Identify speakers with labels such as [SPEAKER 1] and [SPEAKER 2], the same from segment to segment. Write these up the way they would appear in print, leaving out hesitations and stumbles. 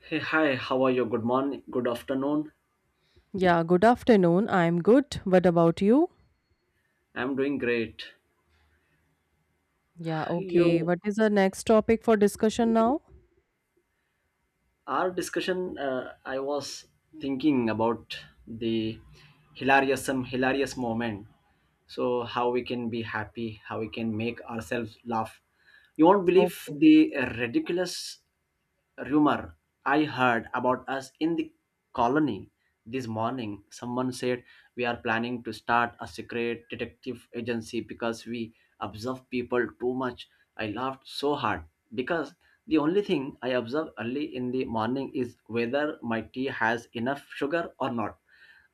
[SPEAKER 1] Hey, hi, how are you? Good morning, good afternoon.
[SPEAKER 2] Yeah, good afternoon. I'm good. What about you?
[SPEAKER 1] I'm doing great.
[SPEAKER 2] Yeah, okay.
[SPEAKER 1] You,
[SPEAKER 2] What is the next topic for discussion now?
[SPEAKER 1] our discussion, I was thinking about the hilarious, some hilarious moment, so how we can be happy, how we can make ourselves laugh. You won't believe
[SPEAKER 2] Okay.
[SPEAKER 1] the ridiculous rumor I heard about us in the colony. This morning someone said we are planning to start a secret detective agency because we observe people too much. I laughed so hard because the only thing I observe early in the morning is whether my tea has enough sugar or not.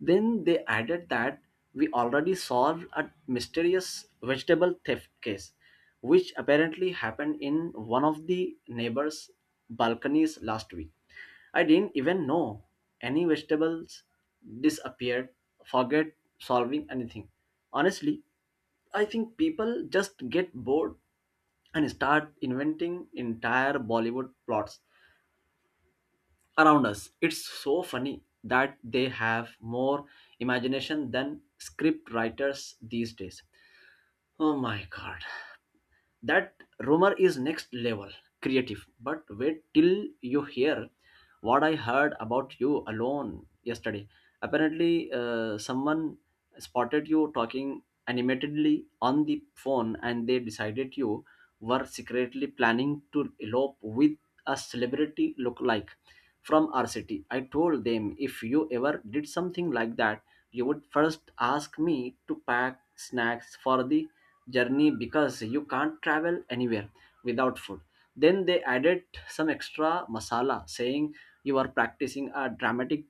[SPEAKER 1] Then they added that we already solved a mysterious vegetable theft case, which apparently happened in one of the neighbors' balconies last week. I didn't even know any vegetables disappeared, forget solving anything. Honestly, I think people just get bored and start inventing entire Bollywood plots around us. It's so funny that they have more imagination than script writers these days. Oh my god, that rumor is next level creative, but wait till you hear what I heard about you alone yesterday. Apparently, someone spotted you talking animatedly on the phone, and they decided you were secretly planning to elope with a celebrity lookalike from our city. I told them if you ever did something like that, you would first ask me to pack snacks for the journey because you can't travel anywhere without food. Then they added some extra masala, saying you are practicing a dramatic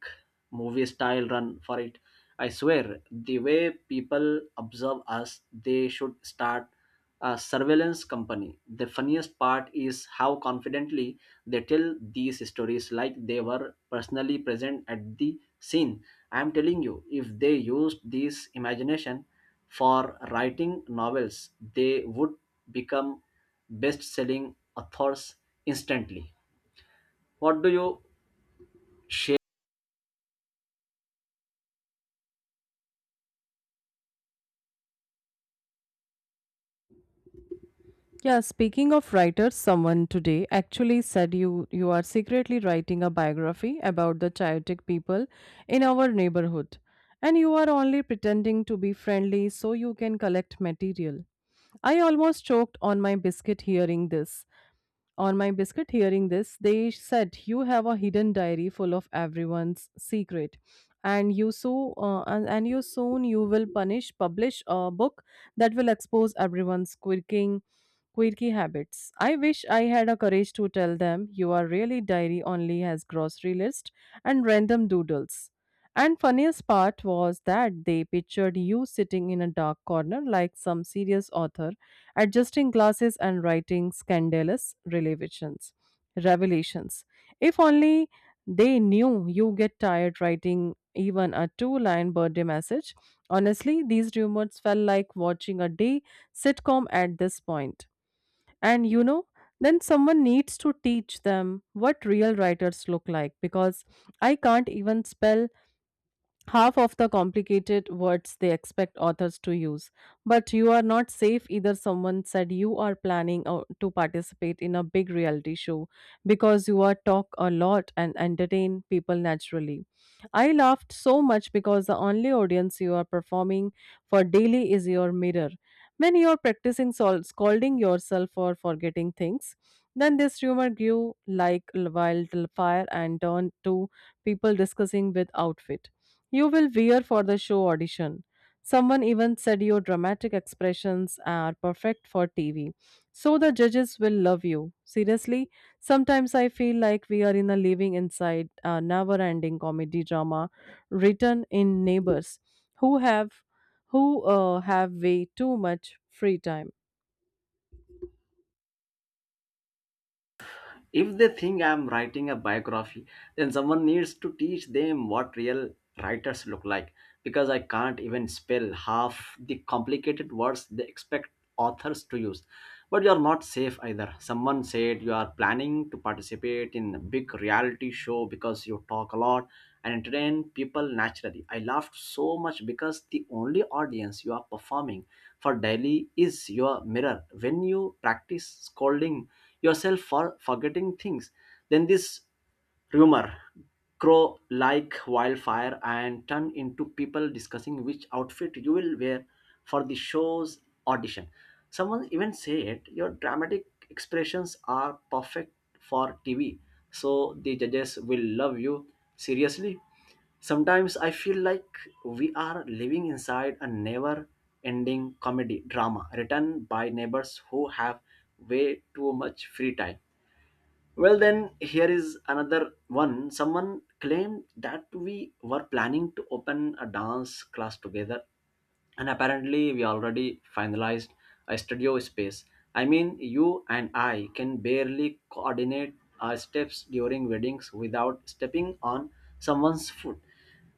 [SPEAKER 1] movie style run for it. I swear, the way people observe us, they should start a surveillance company. The funniest part is how confidently they tell these stories like they were personally present at the scene. I am telling you, if they used this imagination for writing novels, they would become best selling authors instantly. What do you share?
[SPEAKER 2] Yeah, speaking of writers, someone today actually said you are secretly writing a biography about the chaotic people in our neighborhood and you are only pretending to be friendly so you can collect material. I almost choked on my biscuit hearing this. On my biscuit hearing this, they said, you have a hidden diary full of everyone's secret. And you soon you will punish publish a book that will expose everyone's quirking Quirky habits. I wish I had a courage to tell them you are really diary only has grocery list and random doodles. And funniest part was that they pictured you sitting in a dark corner like some serious author, adjusting glasses and writing scandalous revelations. Revelations. If only they knew you get tired writing even a two-line birthday message. Honestly, these rumors felt like watching a day sitcom at this point. And you know, then someone needs to teach them what real writers look like because I can't even spell half of the complicated words they expect authors to use. But you are not safe either. Someone said you are planning to participate in a big reality show because you are talk a lot and entertain people naturally. I laughed so much because the only audience you are performing for daily is your mirror. When you are practicing scolding yourself for forgetting things, then this rumor grew like wild fire and turned to people discussing with outfit. You will wear for the show audition. Someone even said your dramatic expressions are perfect for TV. So the judges will love you. Seriously, sometimes I feel like we are in a living inside a never ending comedy drama written in neighbors who have who have way too much free time.
[SPEAKER 1] If they think I'm writing a biography, then someone needs to teach them what real writers look like, because I can't even spell half the complicated words they expect authors to use. But you're not safe either. Someone said you are planning to participate in a big reality show because you talk a lot and entertain people naturally. I laughed so much because the only audience you are performing for daily is your mirror. When you practice scolding yourself for forgetting things, then this rumor crow like wildfire and turn into people discussing which outfit you will wear for the show's audition. Someone even said your dramatic expressions are perfect for TV, so the judges will love you. Seriously, sometimes I feel like we are living inside a never ending comedy drama written by neighbors who have way too much free time. Well, then here is another one. Someone claimed that we were planning to open a dance class together, and apparently, we already finalized a studio space. I mean, you and I can barely coordinate our steps during weddings without stepping on someone's foot.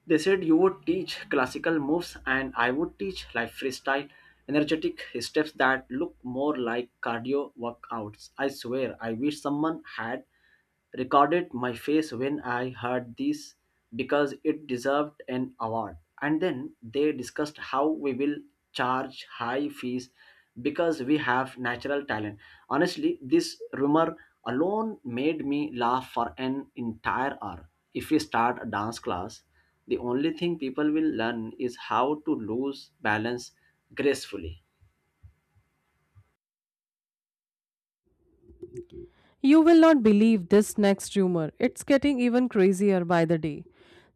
[SPEAKER 1] They said you would teach classical moves and I would teach like freestyle energetic steps that look more like cardio workouts. I swear, I wish someone had recorded my face when I heard this because it deserved an award. And then they discussed how we will charge high fees because we have natural talent. Honestly, this rumor alone made me laugh for an entire hour. If we start a dance class, the only thing people will learn is how to lose balance gracefully.
[SPEAKER 2] You will not believe this next rumor. It's getting even crazier by the day.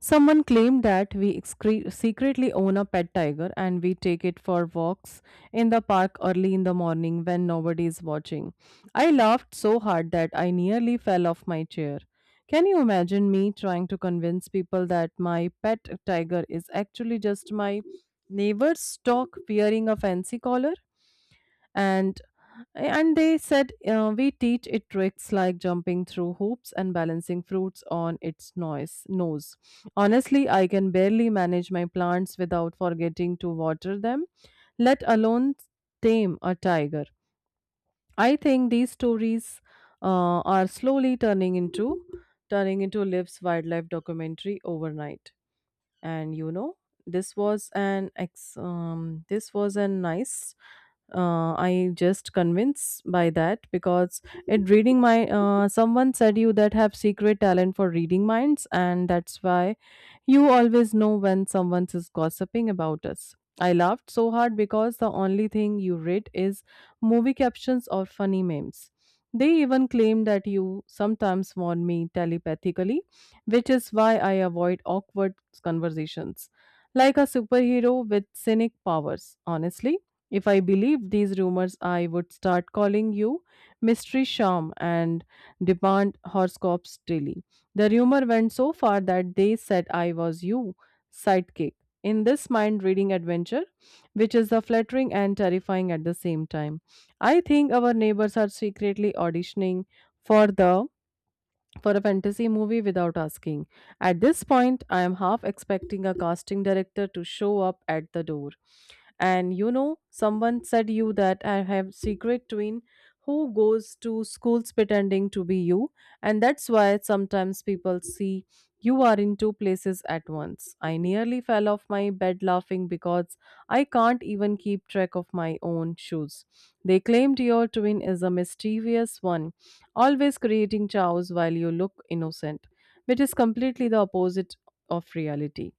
[SPEAKER 2] Someone claimed that we secretly own a pet tiger and we take it for walks in the park early in the morning when nobody is watching. I laughed so hard that I nearly fell off my chair. Can you imagine me trying to convince people that my pet tiger is actually just my neighbor's dog wearing a fancy collar? and and they said we teach it tricks like jumping through hoops and balancing fruits on its noise nose. Honestly, I can barely manage my plants without forgetting to water them, let alone tame a tiger. I think these stories are slowly turning into lives wildlife documentary overnight. And you know this was an ex this was a nice I just convinced by that because it reading my someone said you that have secret talent for reading minds and that's why you always know when someone is gossiping about us. I laughed so hard because the only thing you read is movie captions or funny memes. They even claim that you sometimes warn me telepathically, which is why I avoid awkward conversations. Like a superhero with cynic powers, honestly. If I believed these rumors, I would start calling you Mystery Sham and demand horoscopes daily. The rumor went so far that they said I was you, sidekick. In this mind reading adventure, which is the flattering and terrifying at the same time, I think our neighbors are secretly auditioning for the for a fantasy movie without asking. At this point, I am half expecting a casting director to show up at the door. And you know, someone said you that I have secret twin who goes to schools pretending to be you, and that's why sometimes people see you are in two places at once. I nearly fell off my bed laughing because I can't even keep track of my own shoes. They claimed your twin is a mischievous one, always creating chaos while you look innocent, which is completely the opposite of reality.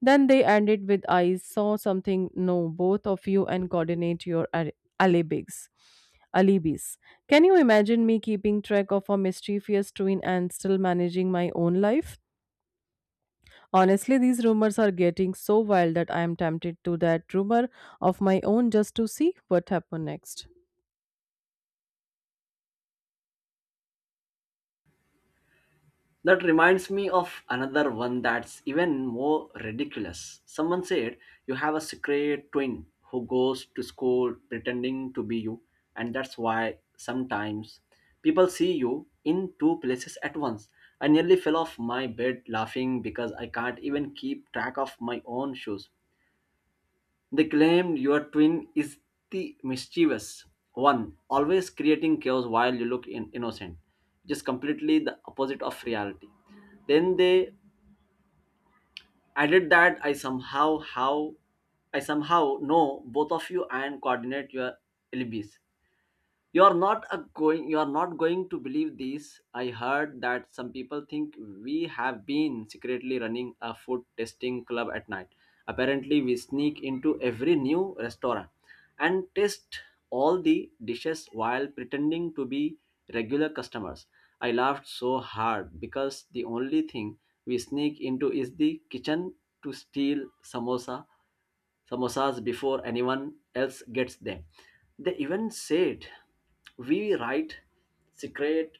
[SPEAKER 2] Then they ended with I saw something, no, both of you and coordinate your alibis. Alibis. Can you imagine me keeping track of a mischievous twin and still managing my own life? Honestly, these rumors are getting so wild that I am tempted to that rumor of my own just to see what happened next.
[SPEAKER 1] That reminds me of another one that's even more ridiculous. Someone said you have a secret twin who goes to school pretending to be you, and that's why sometimes people see you in two places at once. I nearly fell off my bed laughing because I can't even keep track of my own shoes. They claimed your twin is the mischievous one, always creating chaos while you look in innocent, just completely the opposite of reality. Then they added that I somehow know both of you and coordinate your alibis. You are not a going you are not going to believe this. I heard that some people think we have been secretly running a food testing club at night. Apparently, we sneak into every new restaurant and test all the dishes while pretending to be regular customers. I laughed so hard because the only thing we sneak into is the kitchen to steal samosas before anyone else gets them. They even said we write secret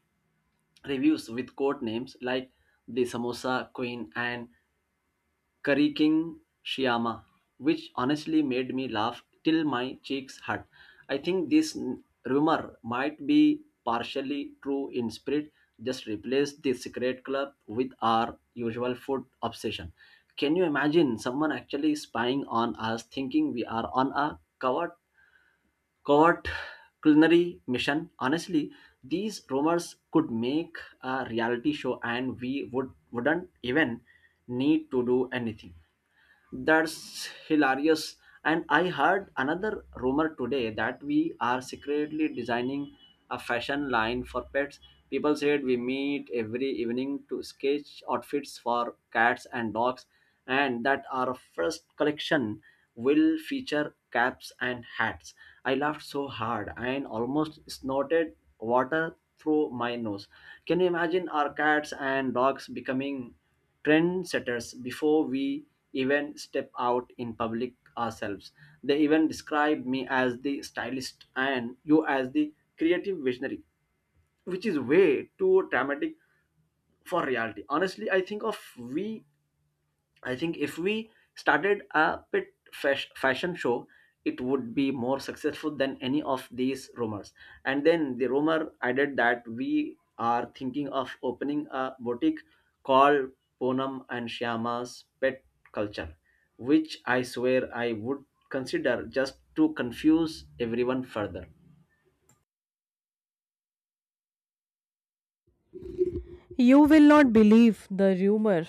[SPEAKER 1] reviews with code names like The Samosa Queen and Curry King Shyama, which honestly made me laugh till my cheeks hurt. I think this rumor might be partially true in spirit. Just replace the secret club with our usual food obsession. Can you imagine someone actually spying on us thinking we are on a covert culinary mission? Honestly, these rumors could make a reality show and we would, wouldn't even need to do anything. That's hilarious. And I heard another rumor today that we are secretly designing a fashion line for pets. People said we meet every evening to sketch outfits for cats and dogs, and that our first collection will feature caps and hats. I laughed so hard and almost snorted water through my nose. Can you imagine our cats and dogs becoming trendsetters before we even step out in public ourselves? They even describe me as the stylist and you as the creative visionary, which is way too dramatic for reality. Honestly, I think if we started a fashion show, it would be more successful than any of these rumors. And then the rumor added that we are thinking of opening a boutique called Ponam and Shyama's Pet Culture, which I swear I would consider just to confuse everyone further.
[SPEAKER 2] You will not believe the rumor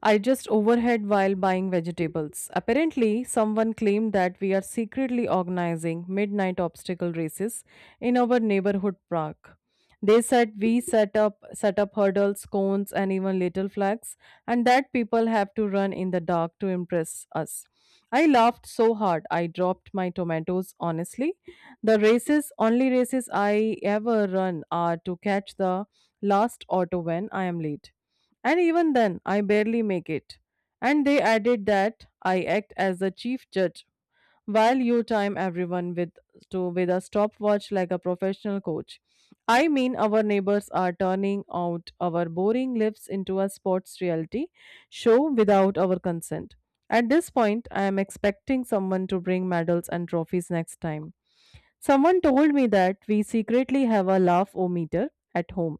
[SPEAKER 2] I just overheard while buying vegetables. Apparently, someone claimed that we are secretly organizing midnight obstacle races in our neighborhood park. They said we set up hurdles, cones, and even little flags, and that people have to run in the dark to impress us. I laughed so hard I dropped my tomatoes. Honestly, the races only races I ever run are to catch the last auto when I am late. And even then, I barely make it. And they added that I act as the chief judge while you time everyone with a stopwatch like a professional coach. I mean, our neighbors are turning out our boring lives into a sports reality show without our consent. At this point, I am expecting someone to bring medals and trophies next time. Someone told me that we secretly have a laugh-o-meter at home,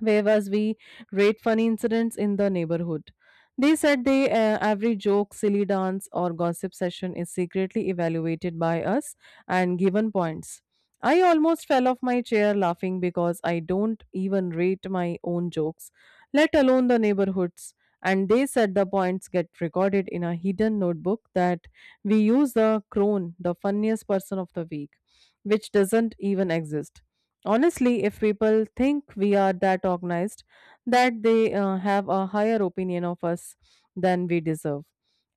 [SPEAKER 2] whereas we rate funny incidents in the neighborhood. They said they every joke, silly dance, or gossip session is secretly evaluated by us and given points. I almost fell off my chair laughing because I don't even rate my own jokes, let alone the neighborhoods. And they said the points get recorded in a hidden notebook that we use the crone, the funniest person of the week, which doesn't even exist. Honestly, if people think we are that organized, that they have a higher opinion of us than we deserve.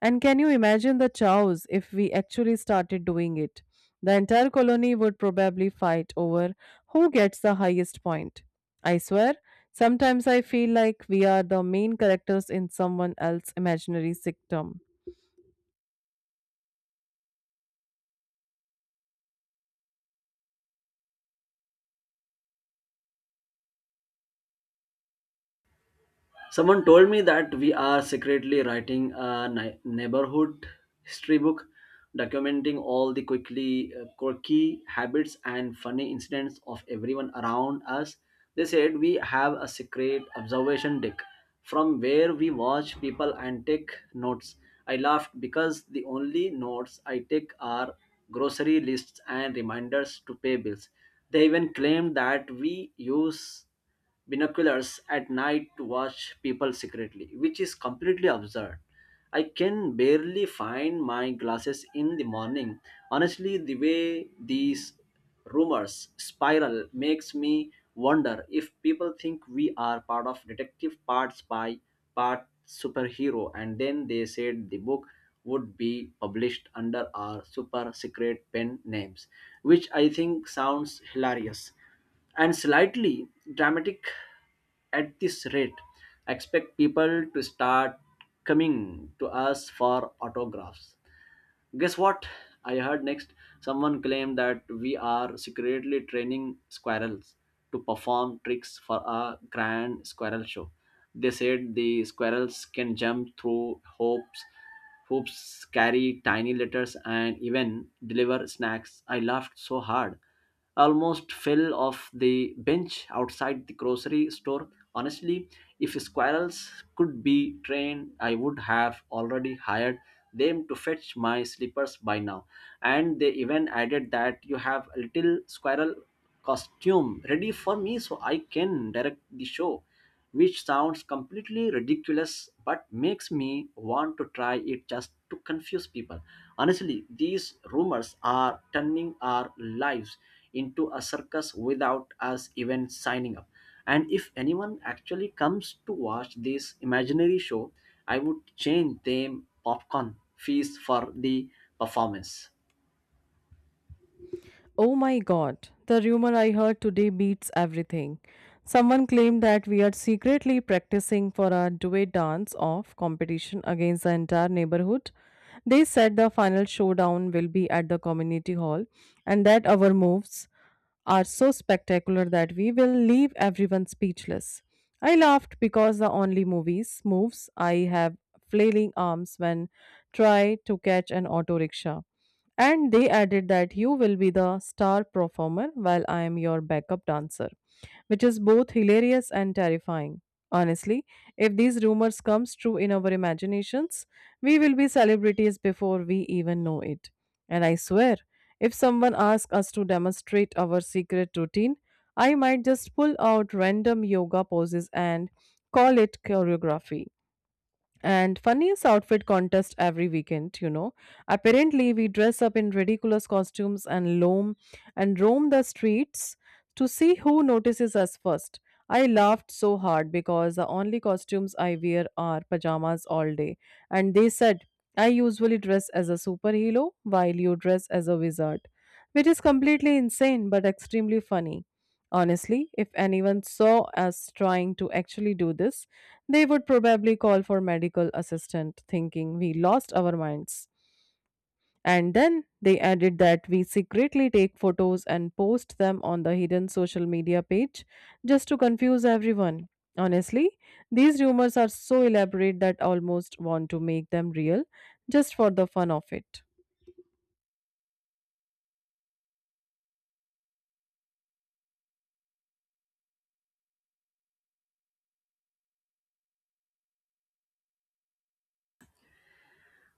[SPEAKER 2] And can you imagine the chows if we actually started doing it? The entire colony would probably fight over who gets the highest point. I swear, sometimes I feel like we are the main characters in someone else's imaginary sitcom.
[SPEAKER 1] Someone told me that we are secretly writing a neighborhood history book, documenting all the quickly quirky habits and funny incidents of everyone around us. They said we have a secret observation deck from where we watch people and take notes. I laughed because the only notes I take are grocery lists and reminders to pay bills. They even claimed that we use binoculars at night to watch people secretly, which is completely absurd. I can barely find my glasses in the morning. Honestly, the way these rumors spiral makes me wonder if people think we are part of detective, part spy, part superhero. And then they said the book would be published under our super secret pen names, which I think sounds hilarious and slightly dramatic. At this rate, I expect people to start coming to us for autographs. Guess what I heard next? Someone claimed that we are secretly training squirrels to perform tricks for a grand squirrel show. They said the squirrels can jump through hoops, carry tiny letters, and even deliver snacks. I laughed so hard, almost fell off the bench outside the grocery store. Honestly, if squirrels could be trained, I would have already hired them to fetch my slippers by now. And they even added that you have a little squirrel costume ready for me so I can direct the show, which sounds completely ridiculous but makes me want to try it just to confuse people. Honestly, these rumors are turning our lives into a circus without us even signing up. And if anyone actually comes to watch this imaginary show, I would change them popcorn fees for the performance.
[SPEAKER 2] Oh my god, the rumor I heard today beats everything. Someone claimed that we are secretly practicing for our duet dance off competition against the entire neighborhood. They said the final showdown will be at the community hall and that our moves are so spectacular that we will leave everyone speechless. I laughed because the only movies moves I have flailing arms when try to catch an auto rickshaw. And they added that you will be the star performer while I am your backup dancer, which is both hilarious and terrifying. Honestly, if these rumors comes true in our imaginations, we will be celebrities before we even know it. And I swear, if someone asks us to demonstrate our secret routine, I might just pull out random yoga poses and call it choreography and funniest outfit contest every weekend. You know, apparently we dress up in ridiculous costumes and roam the streets to see who notices us first. I laughed so hard because the only costumes I wear are pajamas all day. And they said I usually dress as a superhero while you dress as a wizard, which is completely insane but extremely funny. Honestly, if anyone saw us trying to actually do this, they would probably call for medical assistant thinking we lost our minds. And then they added that we secretly take photos and post them on the hidden social media page just to confuse everyone. Honestly, these rumors are so elaborate that I almost want to make them real just for the fun of it.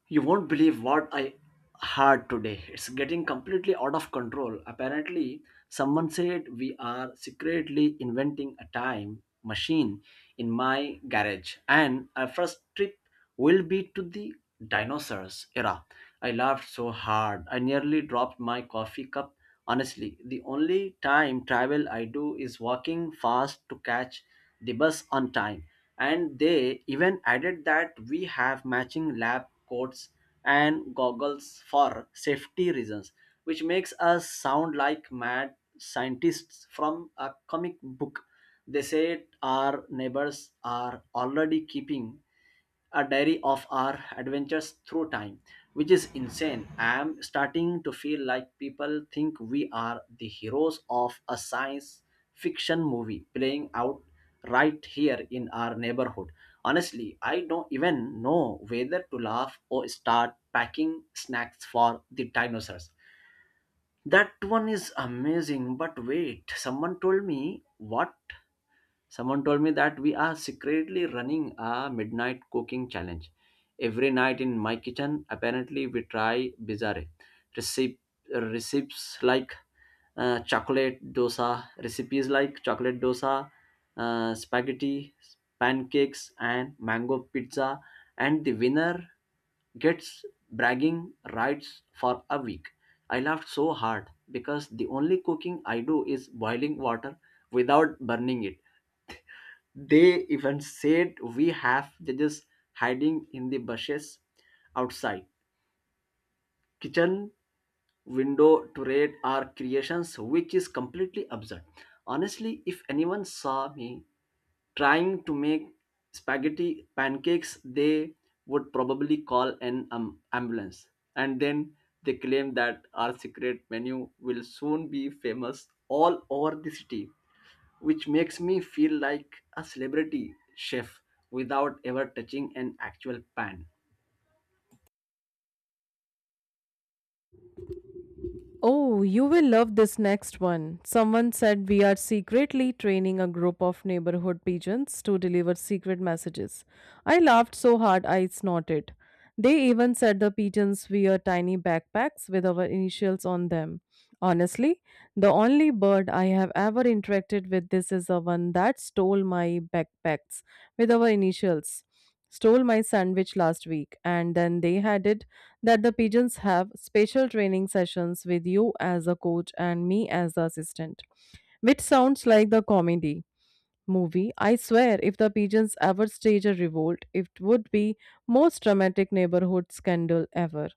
[SPEAKER 1] You won't believe what I had today. It's getting completely out of control. Apparently, someone said we are secretly inventing a time machine in my garage, and our first trip will be to the dinosaurs era. I laughed so hard, I nearly dropped my coffee cup. Honestly, the only time travel I do is walking fast to catch the bus on time. And they even added that we have matching lab coats and goggles for safety reasons, which makes us sound like mad scientists from a comic book. They said our neighbors are already keeping a diary of our adventures through time, which is insane. I am starting to feel like people think we are the heroes of a science fiction movie playing out right here in our neighborhood. Honestly, I don't even know whether to laugh or start packing snacks for the dinosaurs. That one is amazing, but wait, someone told me that we are secretly running a midnight cooking challenge every night in my kitchen. Apparently, we try bizarre recipes, recipes like recipes like chocolate dosa, spaghetti pancakes, and mango pizza. And the winner gets bragging rights for a week. I laughed so hard because the only cooking I do is boiling water without burning it. They even said we have judges hiding in the bushes outside kitchen window to raid our creations, which is completely absurd. Honestly, if anyone saw me trying to make spaghetti pancakes, they would probably call an ambulance. And then they claim that our secret menu will soon be famous all over the city, which makes me feel like a celebrity chef without ever touching an actual pan.
[SPEAKER 2] Oh, you will love this next one. Someone said we are secretly training a group of neighborhood pigeons to deliver secret messages. I laughed so hard I snorted. They even said the pigeons wear tiny backpacks with our initials on them. Honestly, the only bird I have ever interacted with this is the one that stole my backpacks with our initials. Stole my sandwich last week. And then they had it that the pigeons have special training sessions with you as a coach and me as the assistant, which sounds like the comedy movie. I swear, if the pigeons ever stage a revolt, it would be most dramatic neighborhood scandal ever.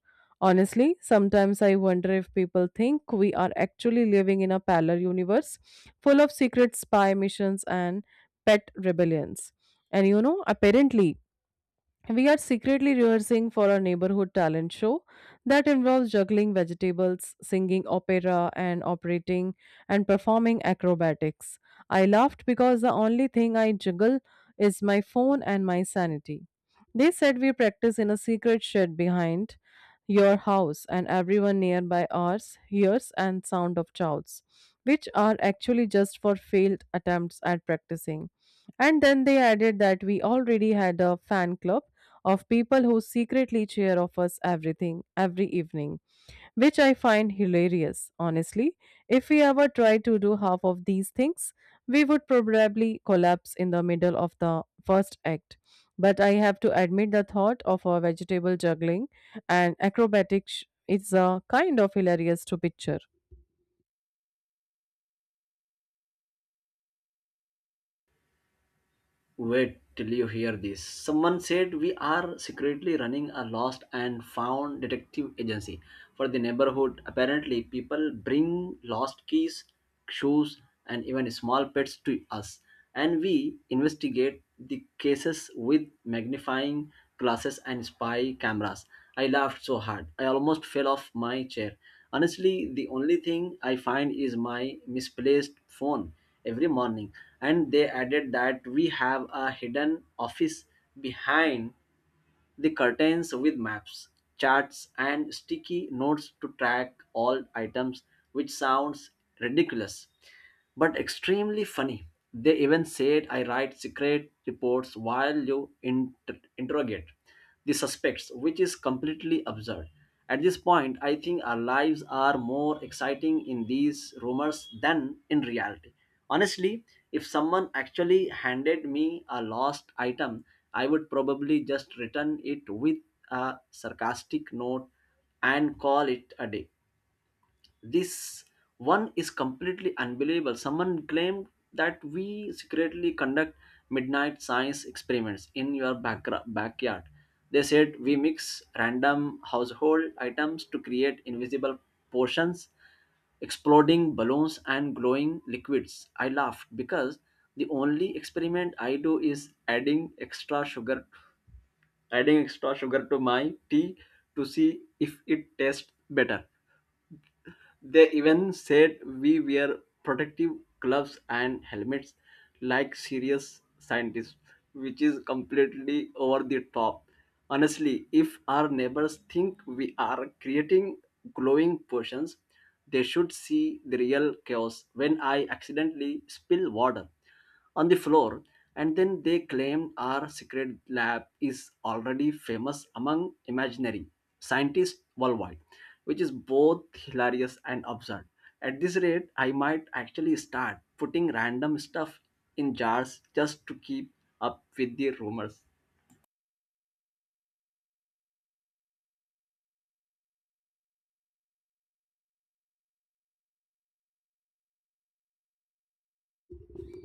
[SPEAKER 2] Honestly, sometimes I wonder if people think we are actually living in a parallel universe full of secret spy missions and pet rebellions. And you know, apparently, we are secretly rehearsing for our neighborhood talent show that involves juggling vegetables, singing opera, and operating and performing acrobatics. I laughed because the only thing I juggle is my phone and my sanity. They said we practice in a secret shed behind your house, and everyone nearby ours hears and sound of shouts, which are actually just for failed attempts at practicing. And then they added that we already had a fan club of people who secretly cheer of us everything every evening, which I find hilarious. Honestly, if we ever tried to do half of these things, we would probably collapse in the middle of the first act, but I have to admit the thought of our vegetable juggling and acrobatics is a kind of hilarious to picture.
[SPEAKER 1] Wait till you hear this. Someone said we are secretly running a lost and found detective agency for the neighborhood. Apparently, people bring lost keys, shoes, and even small pets to us, and we investigate the cases with magnifying glasses and spy cameras. I laughed so hard, I almost fell off my chair. Honestly, the only thing I find is my misplaced phone every morning. And they added that we have a hidden office behind the curtains with maps, charts, and sticky notes to track all items, which sounds ridiculous but extremely funny. They even said I write secret reports while you interrogate the suspects, which is completely absurd. At this point, I think our lives are more exciting in these rumors than in reality. Honestly, if someone actually handed me a lost item, I would probably just return it with a sarcastic note and call it a day. This one is completely unbelievable. Someone claimed that we secretly conduct midnight science experiments in your backyard. They said we mix random household items to create invisible potions, exploding balloons, and glowing liquids. I laughed because the only experiment I do is adding extra sugar to my tea to see if it tastes better. They even said we wear protective gloves and helmets like serious scientists, which is completely over the top. Honestly, if our neighbors think we are creating glowing potions, they should see the real chaos when I accidentally spill water on the floor. And then they claim our secret lab is already famous among imaginary scientists worldwide, which is both hilarious and absurd. At this rate, I might actually start putting random stuff in jars just to keep up with the rumors.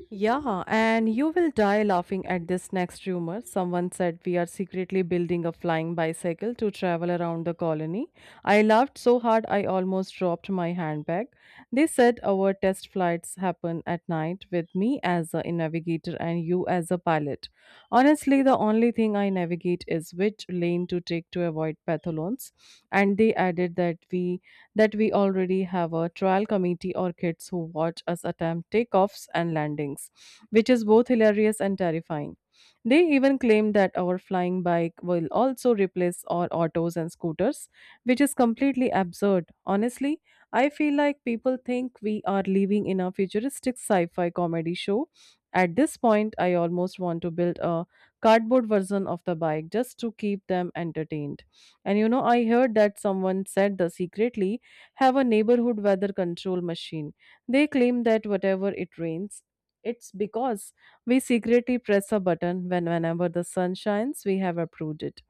[SPEAKER 2] Yeah, and you will die laughing at this next rumor. Someone said we are secretly building a flying bicycle to travel around the colony. I laughed so hard I almost dropped my handbag. They said our test flights happen at night with me as a navigator and you as a pilot. Honestly, the only thing I navigate is which lane to take to avoid pathlons. And they added that we already have a trial committee or kids who watch us attempt takeoffs and landings, which is both hilarious and terrifying. They even claim that our flying bike will also replace our autos and scooters, which is completely absurd. Honestly, I feel like people think we are living in a futuristic sci fi comedy show. At this point, I almost want to build a cardboard version of the bike just to keep them entertained. And you know, I heard that someone said the secretly have a neighborhood weather control machine. They claim that whatever it rains, it's because we secretly press a button when whenever the sun shines, we have approved it.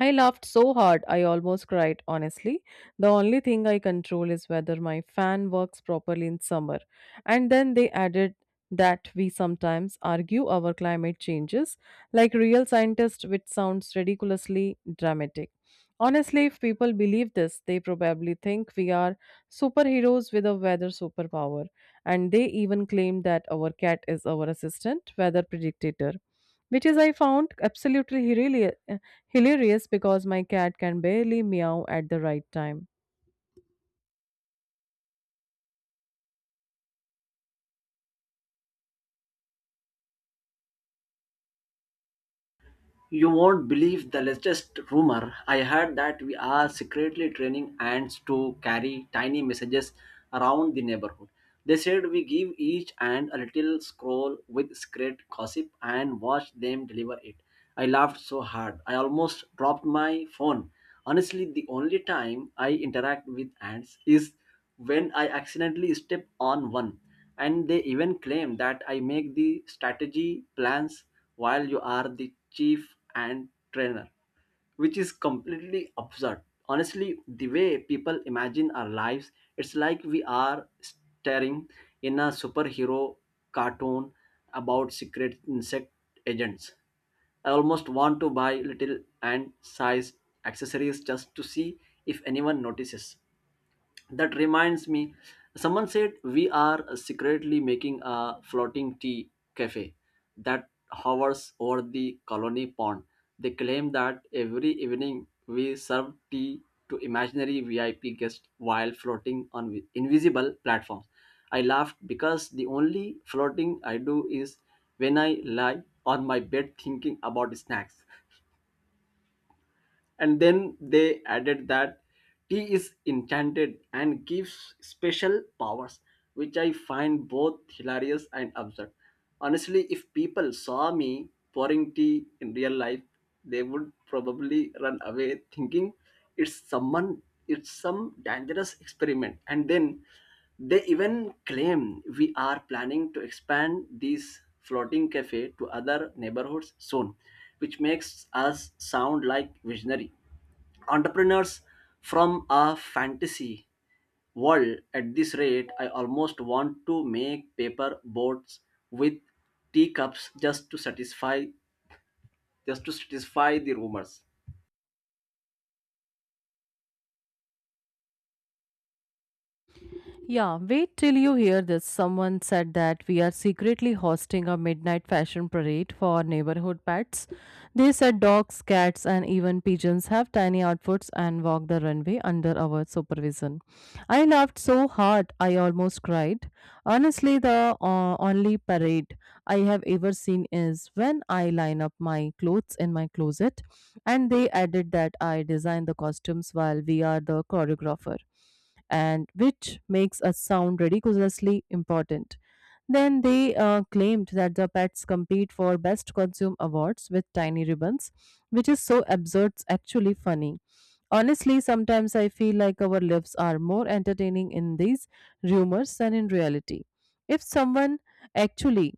[SPEAKER 2] I laughed so hard I almost cried, honestly. The only thing I control is whether my fan works properly in summer. And then they added that we sometimes argue our climate changes like real scientists, which sounds ridiculously dramatic. Honestly, if people believe this, they probably think we are superheroes with a weather superpower. And they even claim that our cat is our assistant weather predictor, which is, I found, absolutely hilarious. Hilarious because my cat can barely meow at the right time.
[SPEAKER 1] You won't believe the latest rumor. I heard that we are secretly training ants to carry tiny messages around the neighborhood. They said we give each ant a little scroll with secret gossip and watch them deliver it. I laughed so hard. I almost dropped my phone. Honestly, the only time I interact with ants is when I accidentally step on one, and they even claim that I make the strategy plans while you are the chief and trainer, which is completely absurd. Honestly, the way people imagine our lives, it's like we are staring in a superhero cartoon about secret insect agents. I almost want to buy little and size accessories just to see if anyone notices. That reminds me, someone said we are secretly making a floating tea cafe that hovers over the colony pond. They claim that every evening we serve tea to imaginary VIP guests while floating on invisible platforms. I laughed because the only floating I do is when I lie on my bed thinking about snacks. And then they added that tea is enchanted and gives special powers, which I find both hilarious and absurd. Honestly, if people saw me pouring tea in real life, they would probably run away thinking it's someone it's some dangerous experiment. And then they even claim we are planning to expand this floating cafe to other neighborhoods soon, which makes us sound like visionary entrepreneurs from a fantasy world. At this rate, I almost want to make paper boats with teacups just to satisfy the rumors.
[SPEAKER 2] Yeah, wait till you hear this. Someone said that we are secretly hosting a midnight fashion parade for neighborhood pets. They said dogs, cats, and even pigeons have tiny outfits and walk the runway under our supervision. I laughed so hard I almost cried. Honestly, the only parade I have ever seen is when I line up my clothes in my closet. And they added that I design the costumes while we are the choreographer, and which makes us sound ridiculously important. Then they claimed that the pets compete for best costume awards with tiny ribbons, which is so absurd, it's actually funny. Honestly, sometimes I feel like our lives are more entertaining in these rumors than in reality. If someone actually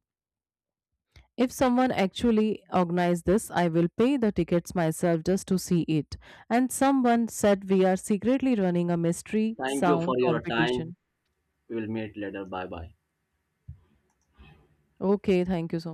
[SPEAKER 2] if someone actually organized this, I will pay the tickets myself just to see it. And someone said we are secretly running a mystery
[SPEAKER 1] Thank you
[SPEAKER 2] sound
[SPEAKER 1] for your time.
[SPEAKER 2] competition.
[SPEAKER 1] We will meet later. Bye bye.
[SPEAKER 2] Okay, thank you so